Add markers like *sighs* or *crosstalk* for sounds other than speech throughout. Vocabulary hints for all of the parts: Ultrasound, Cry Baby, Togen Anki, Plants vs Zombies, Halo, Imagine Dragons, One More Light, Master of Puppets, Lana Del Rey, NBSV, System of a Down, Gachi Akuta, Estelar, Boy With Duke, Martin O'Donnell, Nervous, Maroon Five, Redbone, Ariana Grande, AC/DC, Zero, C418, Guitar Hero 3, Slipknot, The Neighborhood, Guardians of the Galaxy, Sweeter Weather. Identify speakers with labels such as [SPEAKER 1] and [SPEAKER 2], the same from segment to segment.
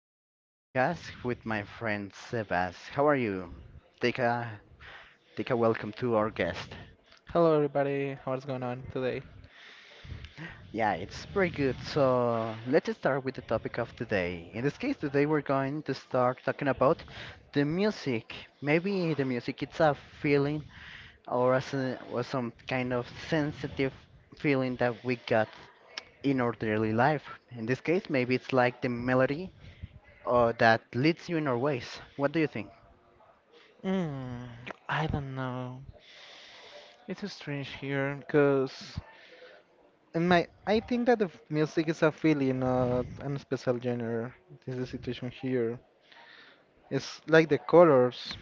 [SPEAKER 1] new podcast with my friend Sebas. How are you? Take a take a welcome to our guest.
[SPEAKER 2] Hello, everybody. How's going on today?
[SPEAKER 1] Yeah, it's pretty good. So let's start with the topic of today. In this case, today we're going to start talking about the music. Maybe the music it's a feeling or as a, or some kind of sensitive feeling that we got in our daily life. In this case, maybe it's like the melody that leads you in our ways. What do you think?
[SPEAKER 2] Mm, I don't know. It's strange here because in my I think that the music is a feeling, not a special genre. This is the situation here. It's like the colors.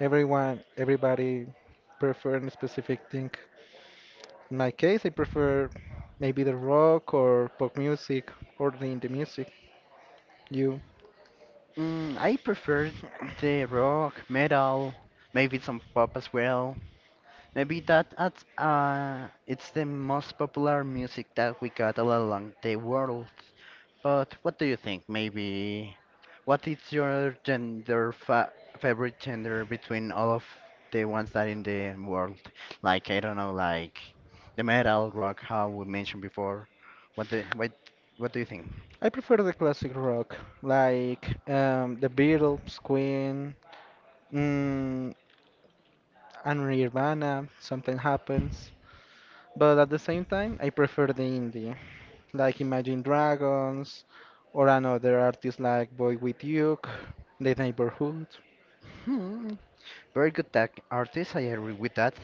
[SPEAKER 2] Everybody prefer a specific thing. In my case, I prefer maybe the rock or pop music or the indie music. You?
[SPEAKER 1] Mm, I prefer the rock, metal, maybe some pop as well. Maybe that adds, it's the most popular music that we got all along the world. But what do you think? Maybe what is your gender fa favorite gender between all of the ones that in the world? Like I don't know, like the metal, rock, how we mentioned before. What, what do you think?
[SPEAKER 2] I prefer the classic rock, like the Beatles, Queen. Mm, and Nirvana, something happens. But at the same time, I prefer the indie, like Imagine Dragons, or another artist like Boy With Duke, The Neighborhood.
[SPEAKER 1] Hmm, very good tech artist, I agree with that.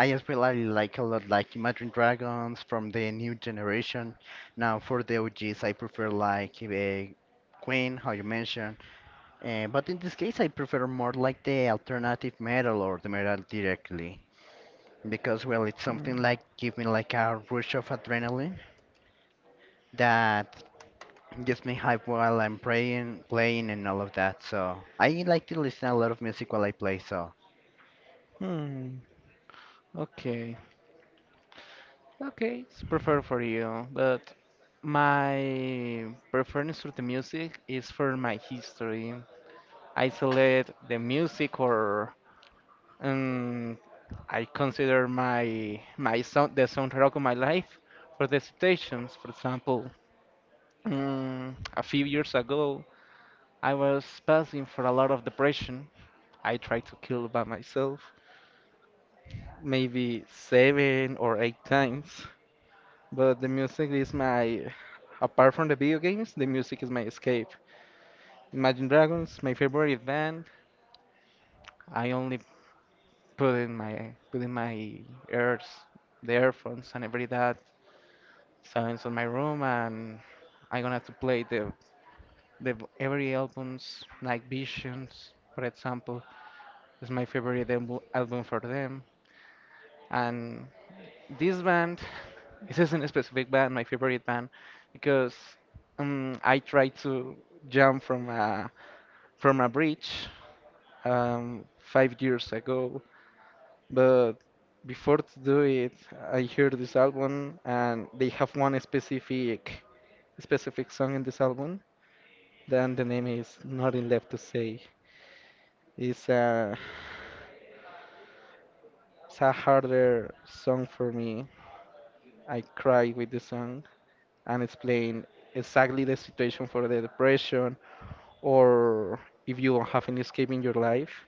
[SPEAKER 1] I as well. I like a lot like Imagine Dragons from the new generation. Now for the OGs, I prefer like Queen, how you mentioned. But in this case, I prefer more like the alternative metal or the metal directly because well, it's
[SPEAKER 2] Hmm.
[SPEAKER 1] something like give me like a rush of adrenaline that gives me hype while I'm playing, and all of that. So I like to listen a lot of music while I play. So
[SPEAKER 2] Hmm. Okay. Okay, it's preferred for you, but my preference for the music is for my history. I select the music or and I consider my sound the soundtrack of my life for the situations. For example, a few years ago, I was passing for a lot of depression. I tried to kill by myself, maybe seven or eight times. But the music is my, apart from the video games, the music is my escape. Imagine Dragons, my favorite band. I only put in my ears, the earphones, and every that. So it's on my room, and I'm gonna have to play the every albums like Visions, for example, is my favorite album for them. And this band, *laughs* *sighs* this isn't a specific band, my favorite band, because I tried to jump from a bridge 5 years ago, but before to do it, I heard this album, and they have one specific song in this album. Then the name is nothing left to say. It's a, it's a harder song for me. I cry with the song and explain exactly the situation for the depression or if you don't have an escape in your life.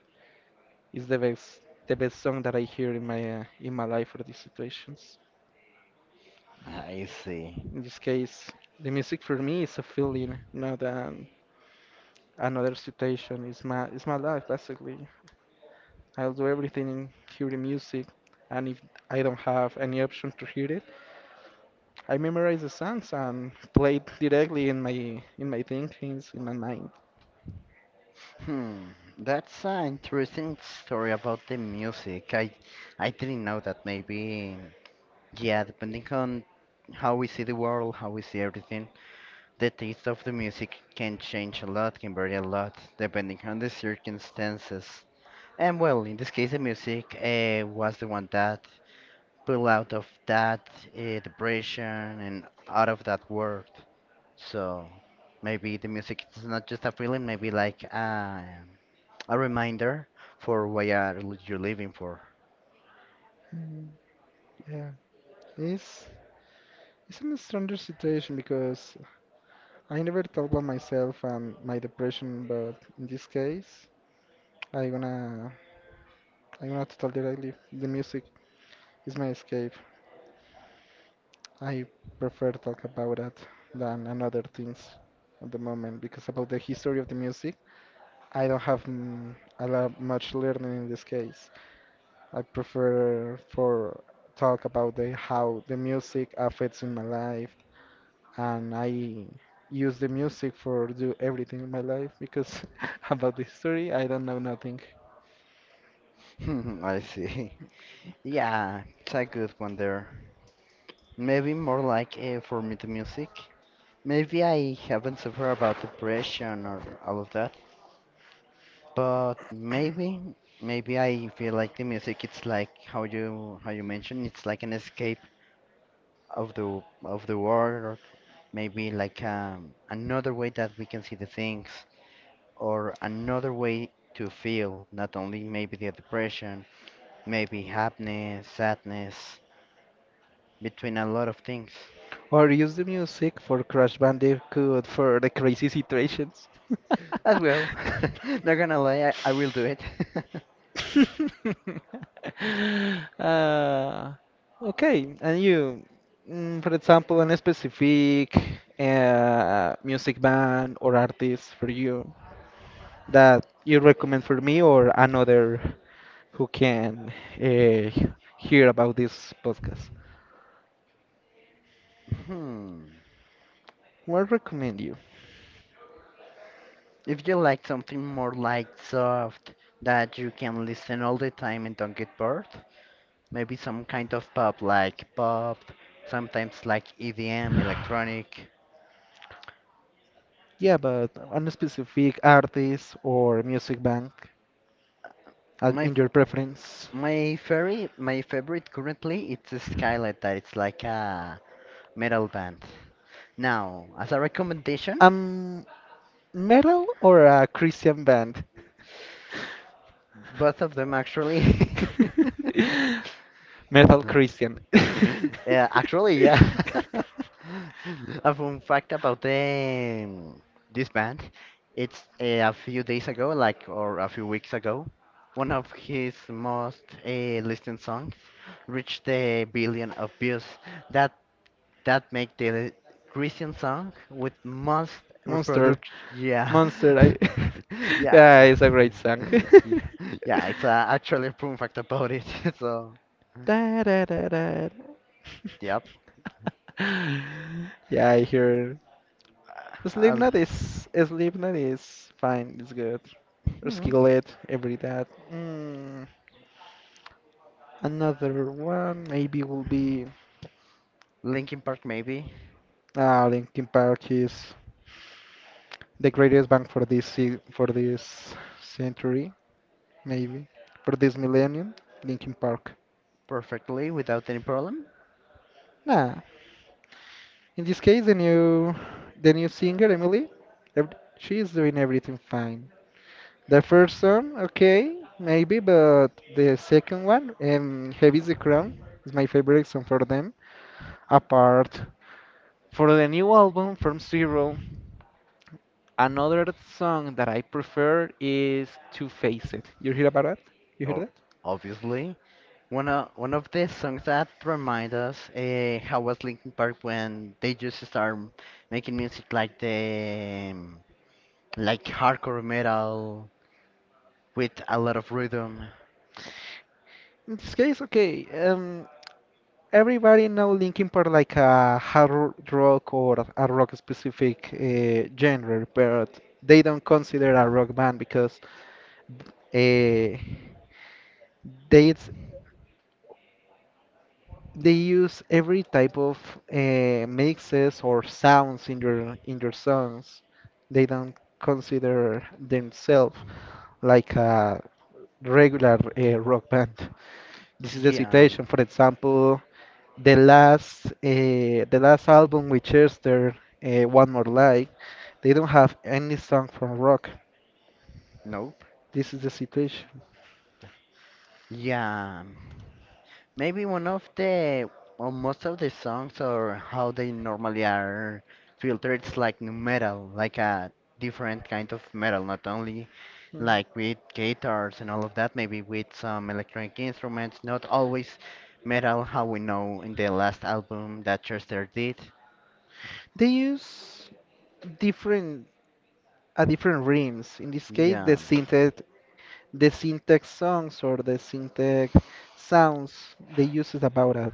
[SPEAKER 2] It's the best song that I hear in my life for these situations.
[SPEAKER 1] I see.
[SPEAKER 2] In this case, the music for me is a feeling, not an, another situation. It's my life basically. I'll do everything in hearing music, and if I don't have any option to hear it, I memorize the songs and play it directly in my thinkings, in my mind.
[SPEAKER 1] Hmm, that's an interesting story about the music. I didn't know that maybe yeah, depending on how we see the world, how we see everything, the taste of the music can change a lot, can vary a lot, depending on the circumstances. And well, in this case, the music was the one that pulled out of that depression and out of that world. So maybe the music is not just a feeling, maybe like a reminder for why are you living for.
[SPEAKER 2] And yeah, it's it's a stranger situation because I never thought about myself and my depression, but in this case, I gonna I gonna talk directly the music is my escape. I prefer talk about that than another things at the moment because about the history of the music I don't have a lot much learning in this case. I prefer for talk about the how the music affects in my life, and I use the music for do everything in my life because *laughs* about the history I don't know nothing.
[SPEAKER 1] *laughs* I see. Yeah, it's a good one there. Maybe more like for me the music. Maybe I haven't suffered about depression or all of that, but maybe I feel like the music it's like how you mentioned it's like an escape of the world or maybe like another way that we can see the things or another way to feel not only maybe the depression. Maybe happiness, sadness, between a lot of things.
[SPEAKER 2] Or use the music for Crash Bandicoot for the crazy situations. *laughs*
[SPEAKER 1] As well. *laughs* Not gonna lie, I will do it. *laughs*
[SPEAKER 2] *laughs* uh, okay, and you, for example, an specific music band or artist for you that you recommend for me or another who can uh, hear about this podcast?
[SPEAKER 1] Hmm.
[SPEAKER 2] What recommend you?
[SPEAKER 1] If you like something more light, soft, that you can listen all the time and don't get bored, maybe some kind of pop like pop, sometimes like EDM, electronic.
[SPEAKER 2] Yeah, but a specific artist or music band
[SPEAKER 1] My
[SPEAKER 2] in
[SPEAKER 1] f-
[SPEAKER 2] your preference.
[SPEAKER 1] my favorite currently it's Skylight that it's like a metal band. Now, as a recommendation,
[SPEAKER 2] Um, metal or a Christian band?
[SPEAKER 1] both of them, actually. *laughs*
[SPEAKER 2] *laughs* Metal Christian. *laughs*
[SPEAKER 1] Yeah, actually, yeah. *laughs* A fun fact about this band, it's a few days ago, like, or a few weeks ago, one of his most listened songs reached a billion of views. That that make the Christian song with most
[SPEAKER 2] Monster.
[SPEAKER 1] reproduction. Yeah,
[SPEAKER 2] Monster. I
[SPEAKER 1] *laughs*
[SPEAKER 2] *laughs* yeah,
[SPEAKER 1] yeah,
[SPEAKER 2] it's a great song.
[SPEAKER 1] *laughs*
[SPEAKER 2] *laughs*
[SPEAKER 1] yeah. Yeah, it's actually a proven fact about it. *laughs* So,
[SPEAKER 2] Da, da, da, da.
[SPEAKER 1] yep.
[SPEAKER 2] *laughs* yeah, I hear.
[SPEAKER 1] Uh, I'll-
[SPEAKER 2] Slipknot is Slipknot is fine. It's good.
[SPEAKER 1] hmm.
[SPEAKER 2] Skillet, every that. Mm, another one maybe will be
[SPEAKER 1] Linkin Park maybe
[SPEAKER 2] ah Linkin Park is the greatest bank for this for this century, maybe for this millennium, Linkin Park.
[SPEAKER 1] perfectly without any problem.
[SPEAKER 2] Nah, in this case, the new singer Emily, she is doing everything fine. The first song, okay, maybe, but the second one, Heavy is the Crown, is my favorite song for them. Apart. For the new album from Zero, another song that I prefer is Two Faced. You hear about it? You hear
[SPEAKER 1] Oh,
[SPEAKER 2] that?
[SPEAKER 1] obviously. One of the songs that remind us how was Linkin Park when they just start making music like the like hardcore metal with a lot of rhythm.
[SPEAKER 2] In this case, okay, everybody know Linkin Park like a hard rock or a rock specific genre, but they don't consider a rock band because uh, they it's- they use every type of mixes or sounds in your songs. They don't consider themselves like a regular rock band. This is the
[SPEAKER 1] Yeah.
[SPEAKER 2] situation, for example, the last album with Chester, One More Light, they don't have any song from rock.
[SPEAKER 1] Nope.
[SPEAKER 2] This is the situation.
[SPEAKER 1] Yeah, maybe one of the or most of the songs or how they normally are filtered is like new metal, like a different kind of metal, not only
[SPEAKER 2] Mm.
[SPEAKER 1] like with guitars and all of that, maybe with some electronic instruments, not always metal how we know in the last album that Chester did.
[SPEAKER 2] They use different different rhythms. In this case,
[SPEAKER 1] Yeah.
[SPEAKER 2] the syntax songs or the syntax sounds they use is about that.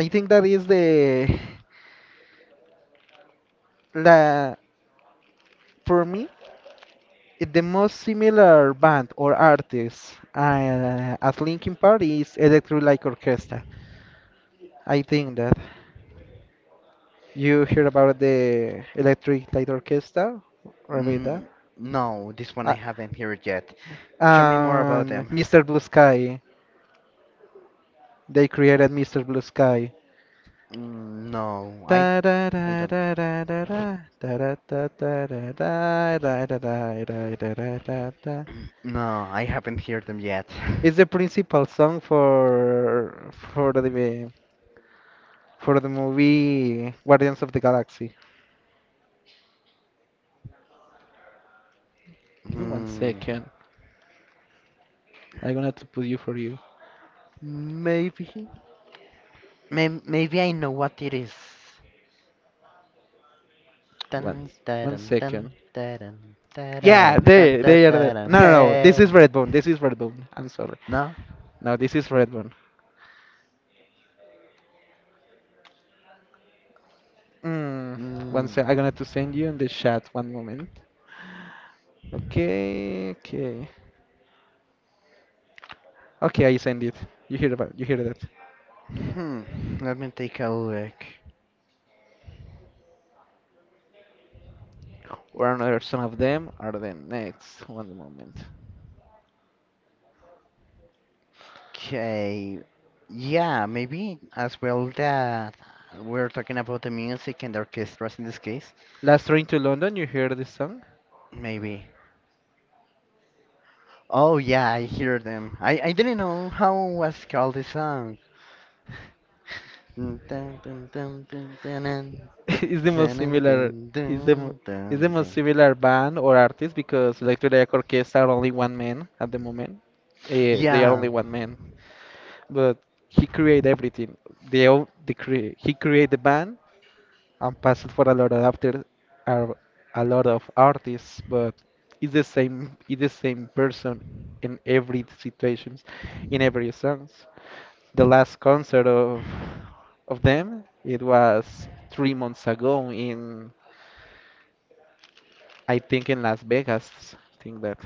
[SPEAKER 2] I think that is the la for me the most similar band or artist as Linkin Park is Electric Light Orchestra. I think that you hear about the Electric Light Orchestra, or about that?
[SPEAKER 1] Mm, no, this one I
[SPEAKER 2] Uh,
[SPEAKER 1] haven't heard yet. Show me more about
[SPEAKER 2] and
[SPEAKER 1] them.
[SPEAKER 2] Mr. Blue Sky, they created Mr. Blue Sky.
[SPEAKER 1] Mm,
[SPEAKER 2] Da da
[SPEAKER 1] I
[SPEAKER 2] da
[SPEAKER 1] don't.
[SPEAKER 2] da da da da da da da da da da da da da da da da da da.
[SPEAKER 1] No, I haven't heard them yet.
[SPEAKER 2] It's the
[SPEAKER 1] *laughs*
[SPEAKER 2] principal song for the movie Guardians of the Galaxy. Give me one
[SPEAKER 1] Hmm.
[SPEAKER 2] second. I'm gonna have to put you for you.
[SPEAKER 1] Maybe. Maybe I know what it is. Dun,
[SPEAKER 2] Once.
[SPEAKER 1] dun,
[SPEAKER 2] One
[SPEAKER 1] dun, dun,
[SPEAKER 2] second.
[SPEAKER 1] dun,
[SPEAKER 2] Yeah,
[SPEAKER 1] dun, dun,
[SPEAKER 2] they
[SPEAKER 1] dun,
[SPEAKER 2] they are the
[SPEAKER 1] dun,
[SPEAKER 2] no no no. This
[SPEAKER 1] hey.
[SPEAKER 2] is Redbone. This is Redbone. I'm sorry.
[SPEAKER 1] No?
[SPEAKER 2] No, this is Redbone. Mm, one
[SPEAKER 1] Mm.
[SPEAKER 2] sec. I'm gonna to send you in the chat. One moment. Okay, okay, okay. I send it. You hear that?
[SPEAKER 1] Hmm. Let me take a look.
[SPEAKER 2] Or another some of them are the next. One moment.
[SPEAKER 1] Okay. Yeah, maybe as well that we're talking about the music and the orchestras in this case.
[SPEAKER 2] Last train to London. You hear this song?
[SPEAKER 1] Maybe. Oh yeah, I hear them. I didn't know how was called this song. Dun, dun, dun, dun, dun, dun,
[SPEAKER 2] *laughs* is the most
[SPEAKER 1] dun, dun,
[SPEAKER 2] similar. Is the mo-
[SPEAKER 1] dun, dun,
[SPEAKER 2] is the
[SPEAKER 1] dun,
[SPEAKER 2] most
[SPEAKER 1] dun.
[SPEAKER 2] similar band or artist because Electric Light Orchestra are only one man at the moment. Eh, they are
[SPEAKER 1] Yeah.
[SPEAKER 2] only one man. But he create everything. The all he create the band and pass it for a lot of after a, a lot of artists, but it's the same person in every situations, in every songs. The last concert of them it was 3 months ago in I think in Las Vegas. I think that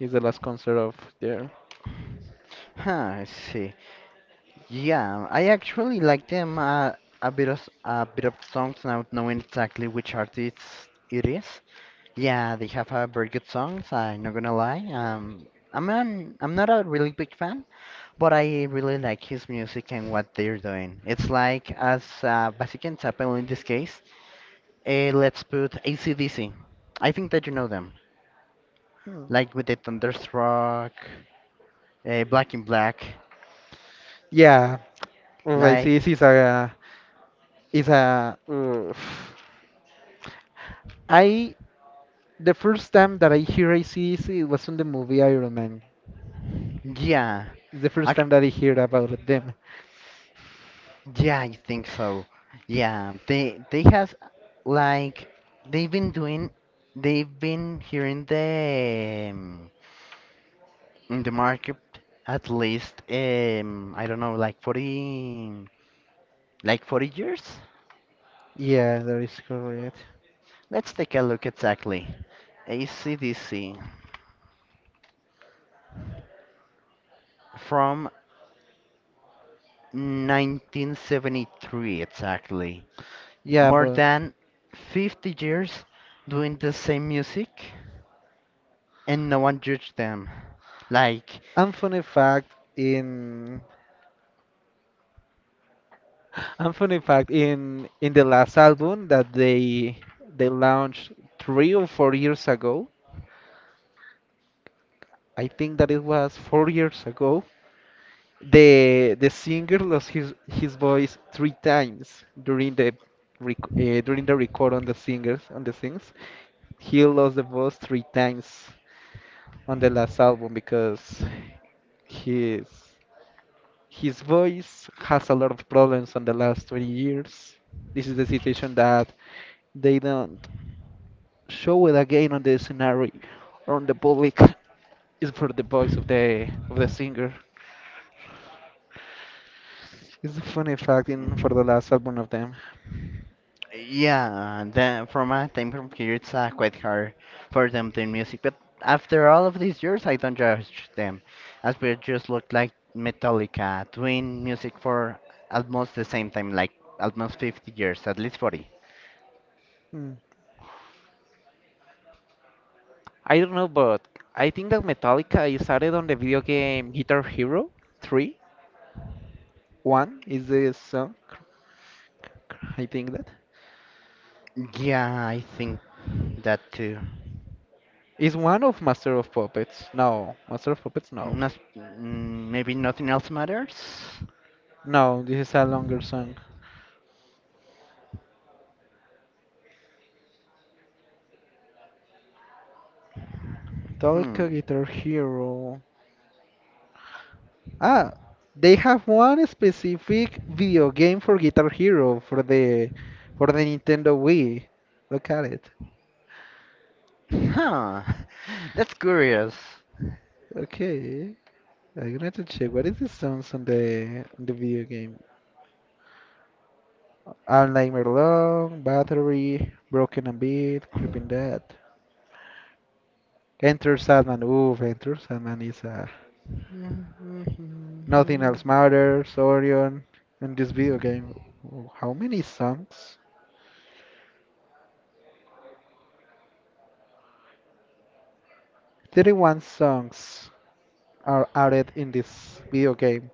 [SPEAKER 2] is the last concert of their.
[SPEAKER 1] Huh, I see. Yeah, I actually like them a bit of songs now knowing exactly which artist it is. Yeah, they have a very good songs. I'm not gonna lie. I'm not a really big fan, but I really like his music and what they're doing. It's like as Basic Chapel in this case. Let's put AC/DC. I think that you know them,
[SPEAKER 2] Hmm.
[SPEAKER 1] like with the Thunderstruck, Black in Black.
[SPEAKER 2] Yeah, well, I see this
[SPEAKER 1] Like
[SPEAKER 2] is a is a uh, I the first time that I hear ACDC it was on the movie Iron Man.
[SPEAKER 1] yeah,
[SPEAKER 2] It's the first
[SPEAKER 1] ac
[SPEAKER 2] time that I hear about them.
[SPEAKER 1] Yeah, I think so. Yeah, they have like they've been doing they've been here in the market at least I don't know like 40 years.
[SPEAKER 2] Yeah, that is correct.
[SPEAKER 1] Let's take a look exactly. ACDC from 1973 exactly.
[SPEAKER 2] Yeah,
[SPEAKER 1] More
[SPEAKER 2] but
[SPEAKER 1] than 50 years doing the same music and no one judged them. Like
[SPEAKER 2] and funny fact in and funny fact in the last album that they launched 3 or 4 years ago. I think that it was 4 years ago. The singer lost his voice three times during the rec during the record on the singers on the sings. He lost the voice three times on the last album because his his voice has a lot of problems on the last 20 years. This is the situation that they don't show it again on the scenario or on the public. It's for the voice of the singer. It's a funny fact in for the last album of them.
[SPEAKER 1] yeah, then from my time from here, it's quite hard for them to music. But after all of these years, I don't judge them, as we just look like Metallica doing music for almost the same time, like almost 50 years, at least 40.
[SPEAKER 2] Hmm. I don't know, but I think that Metallica is added on the video game Guitar Hero 3. One is the song. I think that
[SPEAKER 1] Yeah, I think that too.
[SPEAKER 2] is one of Master of Puppets. No, Master of Puppets. No,
[SPEAKER 1] Not, mm, maybe nothing else matters.
[SPEAKER 2] no. This is a longer song. Metallica
[SPEAKER 1] Hmm.
[SPEAKER 2] Guitar Hero. Ah, they have one specific video game for Guitar Hero for the Nintendo Wii. Look at it.
[SPEAKER 1] Huh. *laughs* That's curious.
[SPEAKER 2] Okay, I'm gonna have to check what is the songs on the video game. I'm Nightmare Long, Battery, Broken and Beat, Creeping Dead. Enter Sandman. Ooh, Enter Sandman is Nothing Else Matters, Orion. In this video game, how many songs? 31 songs are added in this video game.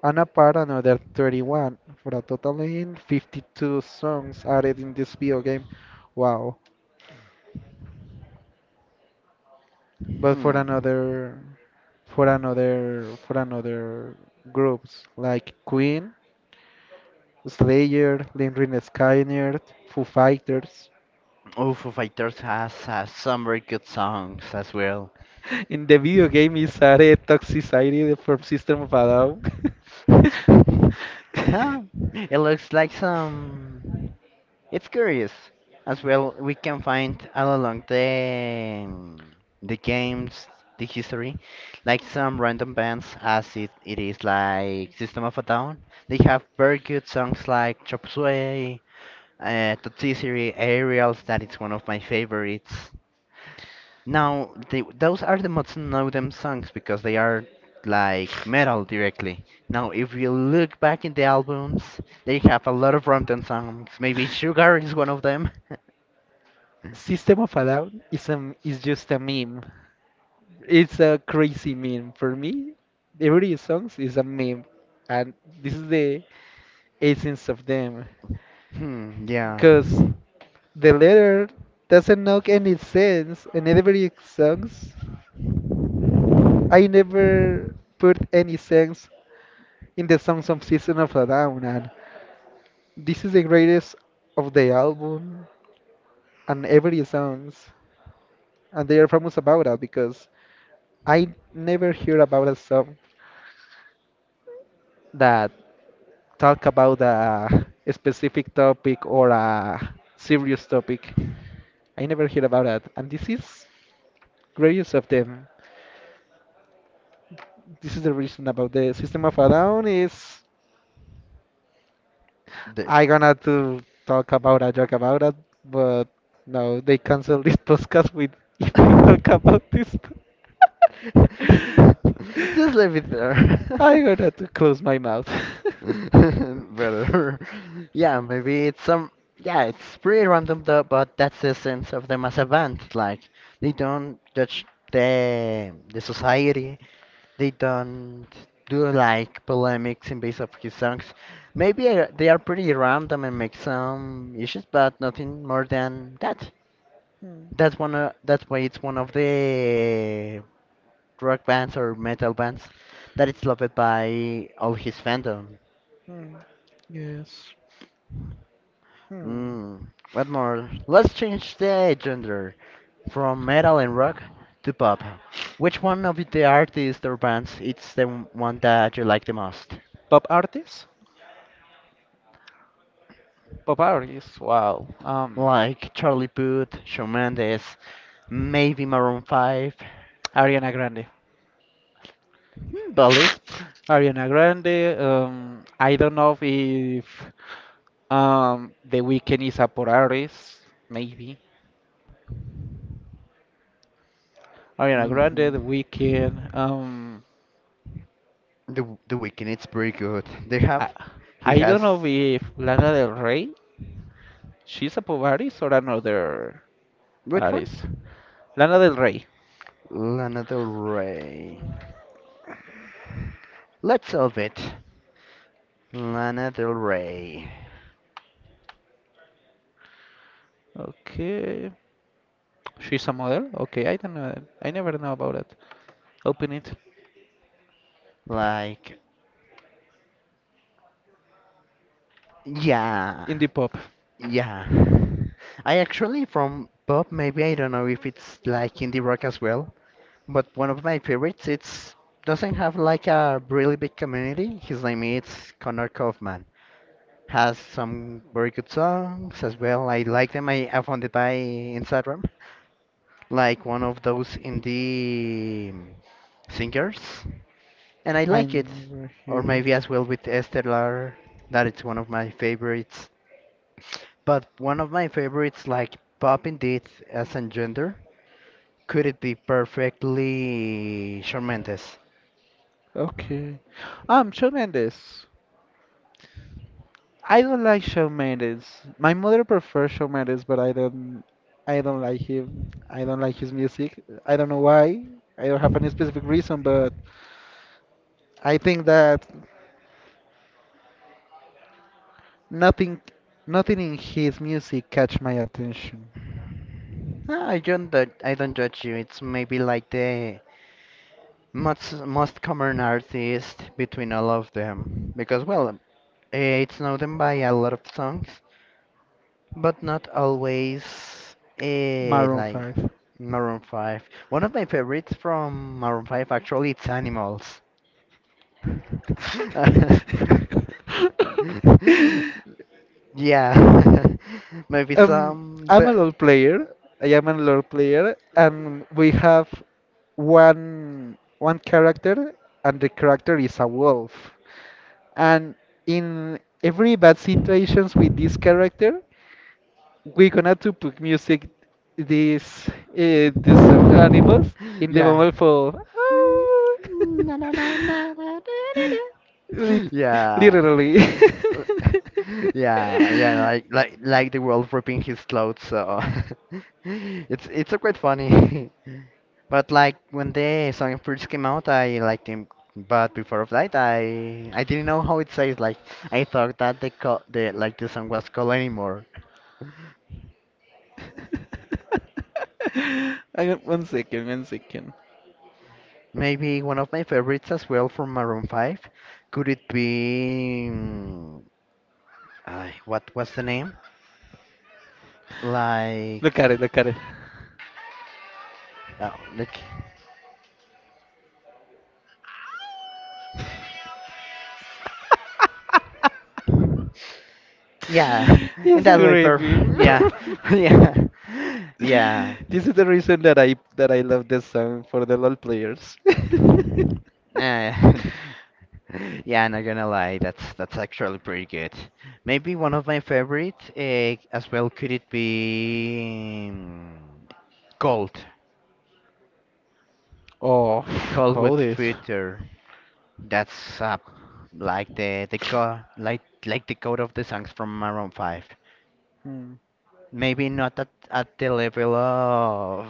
[SPEAKER 2] And apart another 31 for a total in 52 songs added in this video game. Wow. But
[SPEAKER 1] Hmm.
[SPEAKER 2] for another groups like Queen Slayer, Limrin Skynet, Foo Fighters.
[SPEAKER 1] Oh, Foo Fighters has some very good songs as well. *laughs*
[SPEAKER 2] In the video game is Are Toxicity from System of a Down.
[SPEAKER 1] Huh?
[SPEAKER 2] *laughs*
[SPEAKER 1] It looks like some. It's curious. As well, we can find all along the games, the history, like some random bands, as it is like System of a Down. They have very good songs like Chop Suey, Totsisiri, Aerials. That is one of my favorites. Now, those are the most know them songs because they are like metal directly. Now, if you look back in the albums, they have a lot of rom them songs. Maybe Sugar is one of them. *laughs*
[SPEAKER 2] System of a Down is just a meme. It's a crazy meme. For me, every song is a meme. And this is the essence of them.
[SPEAKER 1] Hmm, yeah.
[SPEAKER 2] Because the letter doesn't make any sense. And every songs, I never put any sense in the songs of System of a Down, and this is the greatest of the album and every songs, and they are famous about that because I never hear about a song that talk about a specific topic or a serious topic. I never hear about that, and this is greatest of them. This is the reason about the System of a Down is
[SPEAKER 1] The...
[SPEAKER 2] I gonna to talk about a joke about it, but no, they cancel *laughs* this podcast with *laughs* if I talk
[SPEAKER 1] *laughs*
[SPEAKER 2] about this.
[SPEAKER 1] Just leave
[SPEAKER 2] *laughs*
[SPEAKER 1] it there.
[SPEAKER 2] I
[SPEAKER 1] *laughs*
[SPEAKER 2] gonna to close my mouth.
[SPEAKER 1] *laughs*
[SPEAKER 2] *laughs*
[SPEAKER 1] Better. *laughs* Yeah, maybe it's some. Yeah, it's pretty random though, but that's the essence of them as a band. Like, they don't judge the society. They don't do like polemics in base of his songs. Maybe they are pretty random and make some issues, but nothing more than that.
[SPEAKER 2] Hmm.
[SPEAKER 1] That's one. That's why it's one of the rock bands or metal bands that is loved by all his fandom.
[SPEAKER 2] Hmm. yes. Hmm.
[SPEAKER 1] Mm, what more? Let's change the gender from metal and rock to pop. Which one of the artists or bands is the one that you like the most?
[SPEAKER 2] Pop artists? Pop artists. Wow.
[SPEAKER 1] Like Charlie Puth, Shawn Mendes, maybe Maroon 5,
[SPEAKER 2] Ariana Grande.
[SPEAKER 1] hmm, Bullet.
[SPEAKER 2] Ariana Grande. I don't know if The Weeknd is a pop artist, maybe. Ariana Grande, The
[SPEAKER 1] Mhm.
[SPEAKER 2] Weeknd.
[SPEAKER 1] The Weeknd, it's pretty good.
[SPEAKER 2] I,
[SPEAKER 1] He
[SPEAKER 2] I don't
[SPEAKER 1] has,
[SPEAKER 2] know if Lana Del Rey, she's a pop artist or another
[SPEAKER 1] which
[SPEAKER 2] artist.
[SPEAKER 1] one?
[SPEAKER 2] Lana Del Rey.
[SPEAKER 1] Lana Del Rey. Let's solve it. Lana Del Rey.
[SPEAKER 2] Okay. She's a model? Okay, I don't know. I never know about it. Open it.
[SPEAKER 1] Like yeah,
[SPEAKER 2] Indie pop.
[SPEAKER 1] yeah. I actually from pop, maybe I don't know if it's like indie rock as well, but one of my favorites. It's doesn't have like a really big community. His name is Connor Kaufman. Has some very good songs as well. I like them. I found it by Instagram, like one of those indie singers, and I
[SPEAKER 2] I
[SPEAKER 1] like it.
[SPEAKER 2] never
[SPEAKER 1] Or
[SPEAKER 2] hear it.
[SPEAKER 1] maybe as well with Estelar, that it's one of my favorites. But one of my favorites, like Pop Indeed as in gender, could it be perfectly tremendous?
[SPEAKER 2] Okay. Shawn Mendes. I don't like Shawn Mendes. My mother prefers Shawn Mendes, but I don't. I don't like him. I don't like his music. I don't know why. I don't have any specific reason, but I think that nothing, nothing in his music catch my attention.
[SPEAKER 1] I don't judge you. It's maybe like the most common artist between all of them. Because, well, it's known by a lot of songs, but not always
[SPEAKER 2] Maroon
[SPEAKER 1] like
[SPEAKER 2] Five.
[SPEAKER 1] Maroon 5. One of my favorites from Maroon 5 actually it's Animals. *laughs*
[SPEAKER 2] *laughs*
[SPEAKER 1] Yeah, *laughs* maybe
[SPEAKER 2] Um,
[SPEAKER 1] some.
[SPEAKER 2] I'm a LoL player. I am a LoL player, and we have one character, and the character is a wolf. And in every bad situations with this character, we're gonna to put music this this song animals in the
[SPEAKER 1] Yeah.
[SPEAKER 2] moment for.
[SPEAKER 1] *laughs*
[SPEAKER 2] *laughs* Lit-
[SPEAKER 1] Yeah,
[SPEAKER 2] Literally. *laughs*
[SPEAKER 1] *laughs* yeah, yeah, like like the world ripping his clothes, so *laughs* it's a quite funny. *laughs* But like when the song first came out, I liked him. But before of that, I didn't know how it says. Like I thought that the like the song was called anymore.
[SPEAKER 2] *laughs* I got 1 second, 1 second.
[SPEAKER 1] Maybe one of my favorites as well from Maroon 5. Could it be? Mm, ay, what was the name?
[SPEAKER 2] Look at
[SPEAKER 1] Like,
[SPEAKER 2] it, look at it. *laughs*
[SPEAKER 1] oh, like. Yeah, *laughs* in
[SPEAKER 2] Yes, I
[SPEAKER 1] that way,
[SPEAKER 2] agree with
[SPEAKER 1] perfect.
[SPEAKER 2] you.
[SPEAKER 1] Yeah, *laughs*
[SPEAKER 2] *laughs*
[SPEAKER 1] yeah, yeah.
[SPEAKER 2] This is the reason that I love this song for the LOL players. *laughs*
[SPEAKER 1] Uh, *laughs* yeah, not gonna lie, that's actually pretty good. Maybe one of my favorite as well could it be mm, cold,
[SPEAKER 2] Oh, *sighs*
[SPEAKER 1] cold
[SPEAKER 2] call
[SPEAKER 1] with
[SPEAKER 2] this.
[SPEAKER 1] future. That's like the co like the code of the songs from Maroon Five.
[SPEAKER 2] Hmm.
[SPEAKER 1] Maybe not at at the level of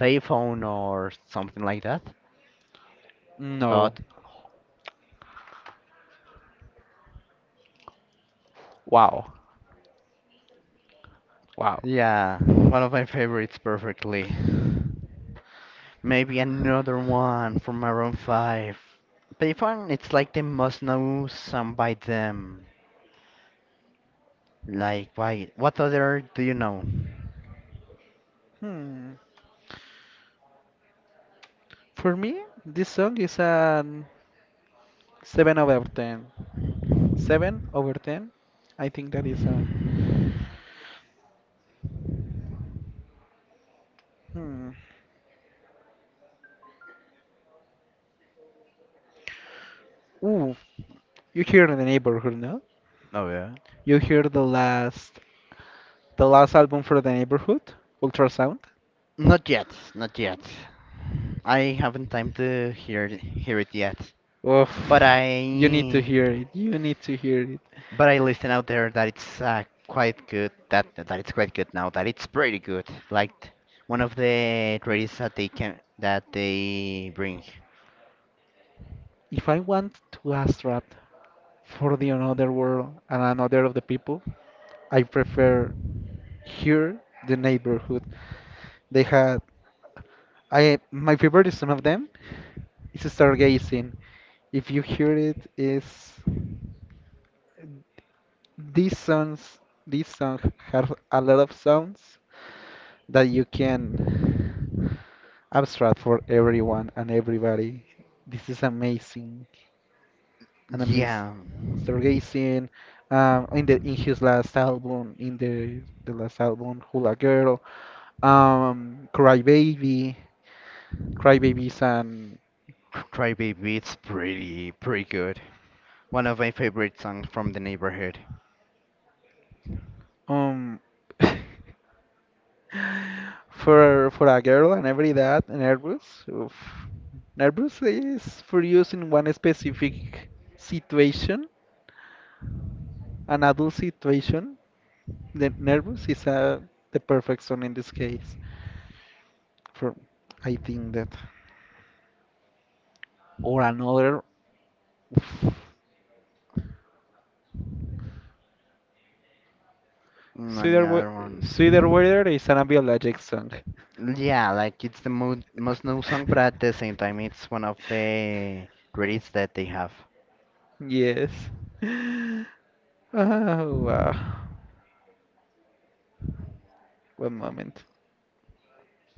[SPEAKER 1] payphone or something like that.
[SPEAKER 2] No.
[SPEAKER 1] But
[SPEAKER 2] Wow. Wow.
[SPEAKER 1] yeah, one of my favorites perfectly. Maybe another one from Maroon 5. Payphone, it's like the most known song by them. Like, why? What other do you know?
[SPEAKER 2] Hmm. For me, this song is a 7 over 10. 7 over 10? I think that is a Hmm. Ooh, you hear the neighborhood, no?
[SPEAKER 1] Oh yeah.
[SPEAKER 2] You hear the last album for the neighborhood, Ultrasound?
[SPEAKER 1] Not yet, not yet. I haven't time to hear it yet. But
[SPEAKER 2] Oof. You need to
[SPEAKER 1] I
[SPEAKER 2] hear it. You need to hear it.
[SPEAKER 1] But I listen out there that it's quite good. That it's quite good now. That it's pretty good. Like one of the greatest that they bring.
[SPEAKER 2] If I want to astrap for the another world and another of the people, I prefer here the neighborhood. They had I my favorite is one of them. It's stargazing. If you hear it is this songs this song has a lot of sounds that you can abstract for everyone and everybody. This is amazing. And I miss
[SPEAKER 1] Yeah,
[SPEAKER 2] Stargazing. In the in his last album, in the last album, Hula Girl, Cry Baby, Cry Babies, and
[SPEAKER 1] Cry Baby. It's pretty good. One of my favorite songs from the neighborhood.
[SPEAKER 2] um, *laughs* for a girl and every that nervous. Oof. Nervous is for use in one specific situation, an adult situation. The nervous is the perfect song in this case. For I think that or another
[SPEAKER 1] Mm,
[SPEAKER 2] sweeter
[SPEAKER 1] another
[SPEAKER 2] Wea-
[SPEAKER 1] one.
[SPEAKER 2] sweeter weather is an biologic song.
[SPEAKER 1] Yeah, like it's the mo most known song, but at the same time, it's one of the greatest that they have.
[SPEAKER 2] Yes. *laughs* Oh wow. One moment.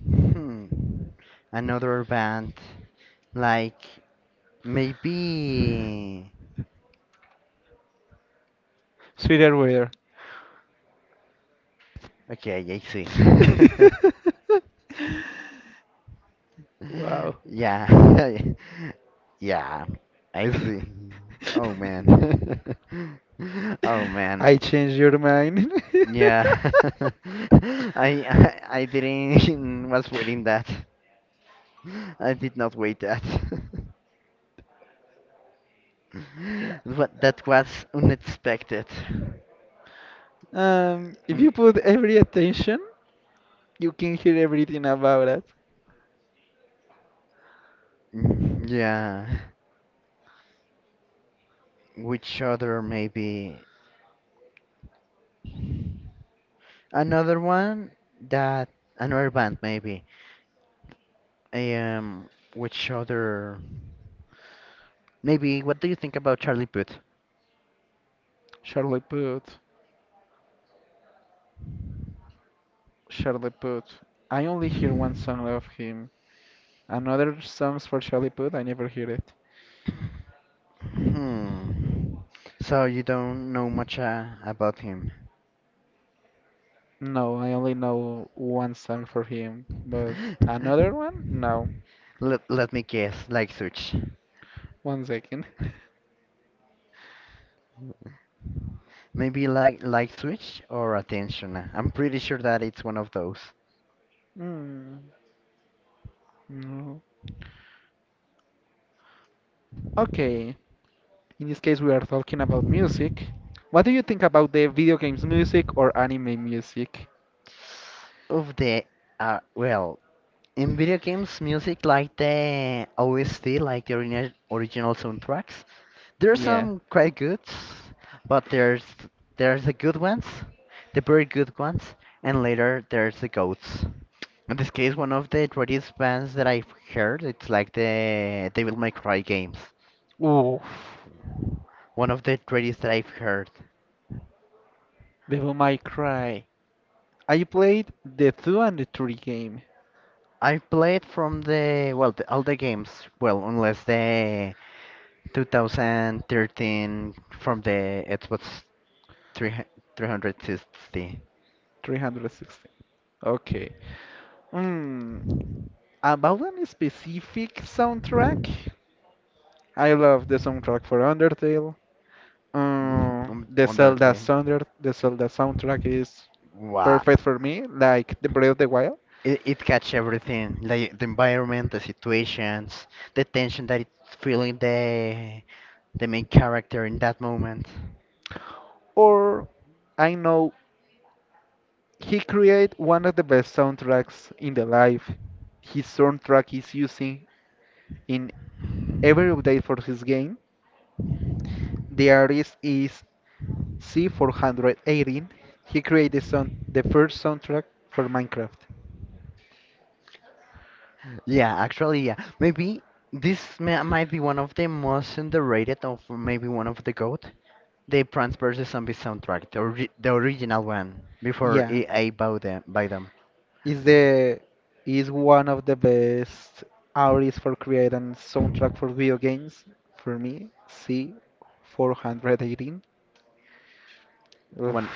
[SPEAKER 1] Hmm. Another band, like maybe.
[SPEAKER 2] Sweeter weather.
[SPEAKER 1] Okay, I see.
[SPEAKER 2] *laughs*
[SPEAKER 1] *laughs*
[SPEAKER 2] Wow.
[SPEAKER 1] Yeah. *laughs* Yeah, I see. Oh
[SPEAKER 2] *laughs*
[SPEAKER 1] man. *laughs* Oh man.
[SPEAKER 2] I changed your mind.
[SPEAKER 1] Yeah. *laughs*
[SPEAKER 2] *laughs*
[SPEAKER 1] I didn't *laughs* was waiting that. I did not wait that. *laughs* But that was unexpected.
[SPEAKER 2] If
[SPEAKER 1] Mm,
[SPEAKER 2] you put every attention, you can hear everything about it.
[SPEAKER 1] mm, yeah. Which other maybe? Another one that another band maybe. Um, which other? Maybe what do you think about Charlie Puth?
[SPEAKER 2] Charlie Puth, Charlie Puth. I only hear one song of him. Another songs for Charlie Puth, I never hear it.
[SPEAKER 1] Hmm. So you don't know much about him.
[SPEAKER 2] No, I only know one song for him, but another
[SPEAKER 1] *laughs*
[SPEAKER 2] one? No.
[SPEAKER 1] Let me guess. Like switch.
[SPEAKER 2] 1 second. *laughs*
[SPEAKER 1] Maybe like switch or attention. I'm pretty sure that it's one of those.
[SPEAKER 2] Hmm. No. Okay. In this case, we are talking about music. What do you think about the video games music or anime music?
[SPEAKER 1] Of the well, in video games, music like the OST, like the original soundtracks, there's
[SPEAKER 2] Yeah.
[SPEAKER 1] some quite good, but there's the good ones, the very good ones, and later there's the goats. In this case, one of the greatest bands that I've heard, it's like the Devil May Cry games.
[SPEAKER 2] Oof.
[SPEAKER 1] One of the greatest that I've heard.
[SPEAKER 2] Devil May Cry. I played the two and the three game,
[SPEAKER 1] I've played from the well the, all the games, well unless the 2013 from the Xbox 300 360
[SPEAKER 2] 360. Okay. Mm, about any specific soundtrack, I love the soundtrack for Undertale.
[SPEAKER 1] *laughs* on under there.
[SPEAKER 2] The Zelda soundtrack is
[SPEAKER 1] Wow.
[SPEAKER 2] perfect for me, like the Breath of the Wild.
[SPEAKER 1] It catch everything, like the environment, the situations, the tension that it's feeling the main character in that moment.
[SPEAKER 2] Or I know he created one of the best soundtracks in the life. His soundtrack is using in every update for his game. The artist is C418, he created sound, the first soundtrack for Minecraft.
[SPEAKER 1] Yeah, actually, yeah. Maybe this ma might be one of the most underrated of maybe one of the GOAT. The Plants vs. Zombies soundtrack, the original one, before
[SPEAKER 2] Yeah,
[SPEAKER 1] EA bought them, by them.
[SPEAKER 2] is the is one of the best artists for creating soundtrack for video games for me. C418. Oof.
[SPEAKER 1] One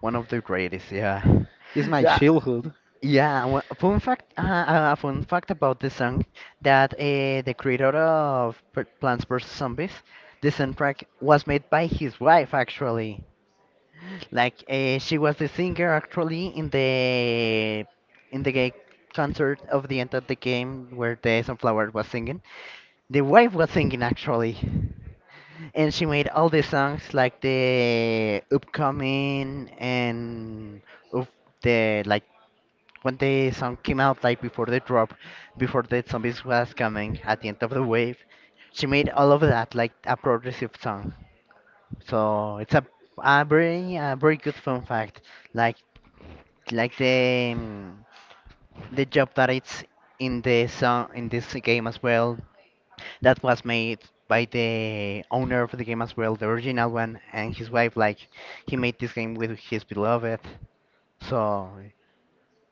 [SPEAKER 1] one of the greatest, yeah.
[SPEAKER 2] It's
[SPEAKER 1] *laughs*
[SPEAKER 2] my
[SPEAKER 1] Yeah,
[SPEAKER 2] childhood.
[SPEAKER 1] yeah. One, fun fact about the song that the creator of Plants vs Zombies, the soundtrack was made by his wife actually. Like she was the singer actually in the gay concert of the end of the game where the sunflower was singing. The wife was singing actually and she made all the songs like the upcoming and of the like when the song came out like before the drop before the zombies was coming at the end of the wave she made all of that like a progressive song so it's a very good fun fact like like the job that it's in the song in this game as well that was made by the owner of the game as well, the original one, and his wife. Like he made this game with his beloved, so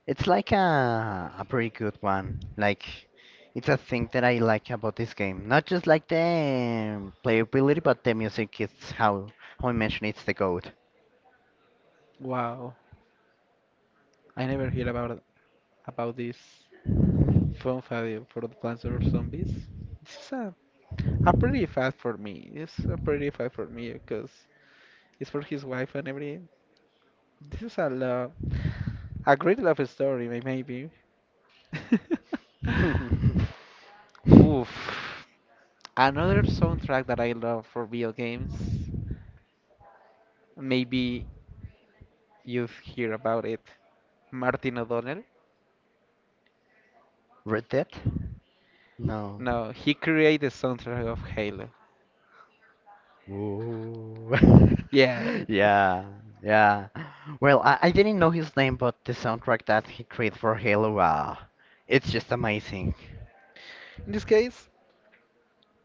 [SPEAKER 1] it's like a pretty good one. Like it's a thing that I like about this game, not just like the playability, but the music. It's how I mentioned it's the goat.
[SPEAKER 2] Wow, I never heard about this Fun Fabio for the Plants vs Zombies. This is a pretty fact for me. It's a pretty fact for me because it's for his wife and every. This is a love, a great love story, maybe. *laughs*
[SPEAKER 1] *laughs*
[SPEAKER 2] Oof. Another soundtrack that I love for video games. Maybe you've heard about it. Martin O'Donnell?
[SPEAKER 1] Red Dead? No.
[SPEAKER 2] No, he created the soundtrack of Halo.
[SPEAKER 1] Ooh. *laughs*
[SPEAKER 2] Yeah.
[SPEAKER 1] Yeah, yeah. Well, I didn't know his name, but the soundtrack that he created for Halo, wow, it's just amazing.
[SPEAKER 2] In this case,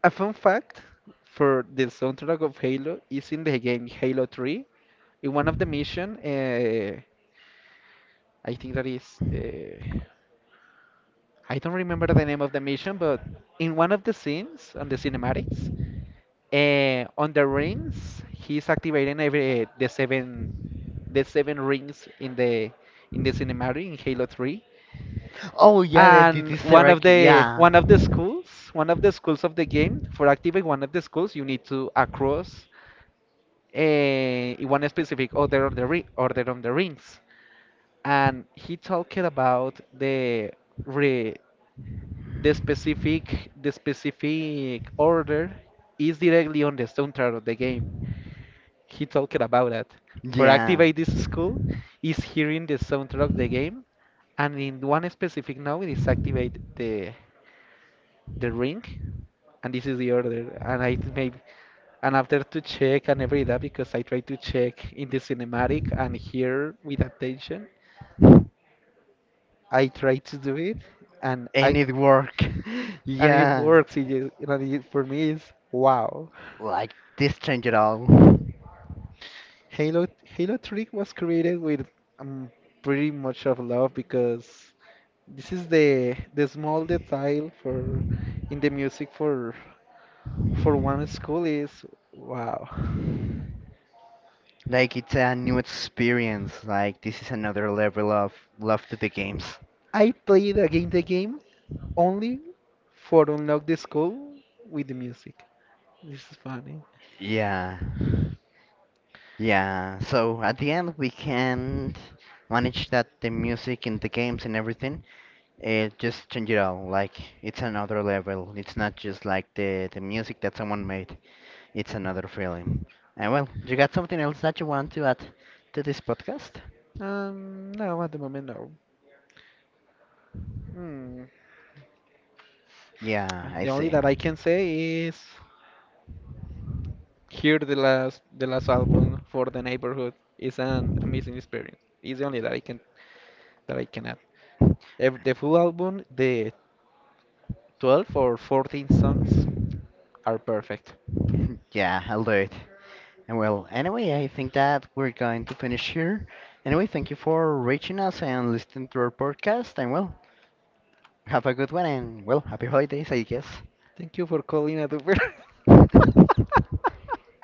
[SPEAKER 2] a fun fact for the soundtrack of Halo is in the game Halo 3. In one of the mission, I think that is uh, I don't remember the name of the mission, but in one of the scenes on the cinematics, on the rings, he's activating every the seven rings in the cinematic in Halo 3.
[SPEAKER 1] Oh yeah, the, the,
[SPEAKER 2] And
[SPEAKER 1] the
[SPEAKER 2] one
[SPEAKER 1] Sarah,
[SPEAKER 2] of the
[SPEAKER 1] yeah.
[SPEAKER 2] one of the schools, one of the schools of the game, for activate one of the schools, you need to across a one specific order on the rings. And he talked about the re The specific order is directly on the soundtrack of the game. He talked about that. For
[SPEAKER 1] Yeah.
[SPEAKER 2] activate this skill is hearing the soundtrack of the game and in one specific node is activate the ring and this is the order and I maybe and after to check and every that because I try to check in the cinematic and here with attention I try to do it and
[SPEAKER 1] And
[SPEAKER 2] I
[SPEAKER 1] it worked. *laughs*
[SPEAKER 2] and it
[SPEAKER 1] Yeah.
[SPEAKER 2] works for me is wow.
[SPEAKER 1] Like this, change at all.
[SPEAKER 2] Halo Halo 3 was created with um, pretty much of love because this is the small detail for in the music for one school is wow.
[SPEAKER 1] Like it's a new experience. Like this is another level of love to the games.
[SPEAKER 2] I played again the game only for unlock the school with the music. This is funny.
[SPEAKER 1] Yeah. Yeah. So at the end we can manage that the music and the games and everything. It just change it all. Like it's another level. It's not just like the music that someone made. It's another feeling. And well, you got something else that you want to add to this podcast?
[SPEAKER 2] No, at the moment no. Hmm.
[SPEAKER 1] Yeah,
[SPEAKER 2] Ah,
[SPEAKER 1] I
[SPEAKER 2] the only
[SPEAKER 1] see.
[SPEAKER 2] that I can say is hear the last album for the neighborhood is an amazing experience. It's the only that I can add. The full album, the 12 or 14 songs are perfect.
[SPEAKER 1] *laughs* Yeah, I'll do it. And well, anyway, I think that we're going to finish here. Anyway, thank you for reaching us and listening to our podcast. And well, have a good one and well, happy holidays, I guess.
[SPEAKER 2] Thank you for calling a duper.
[SPEAKER 1] *laughs*
[SPEAKER 2] *laughs*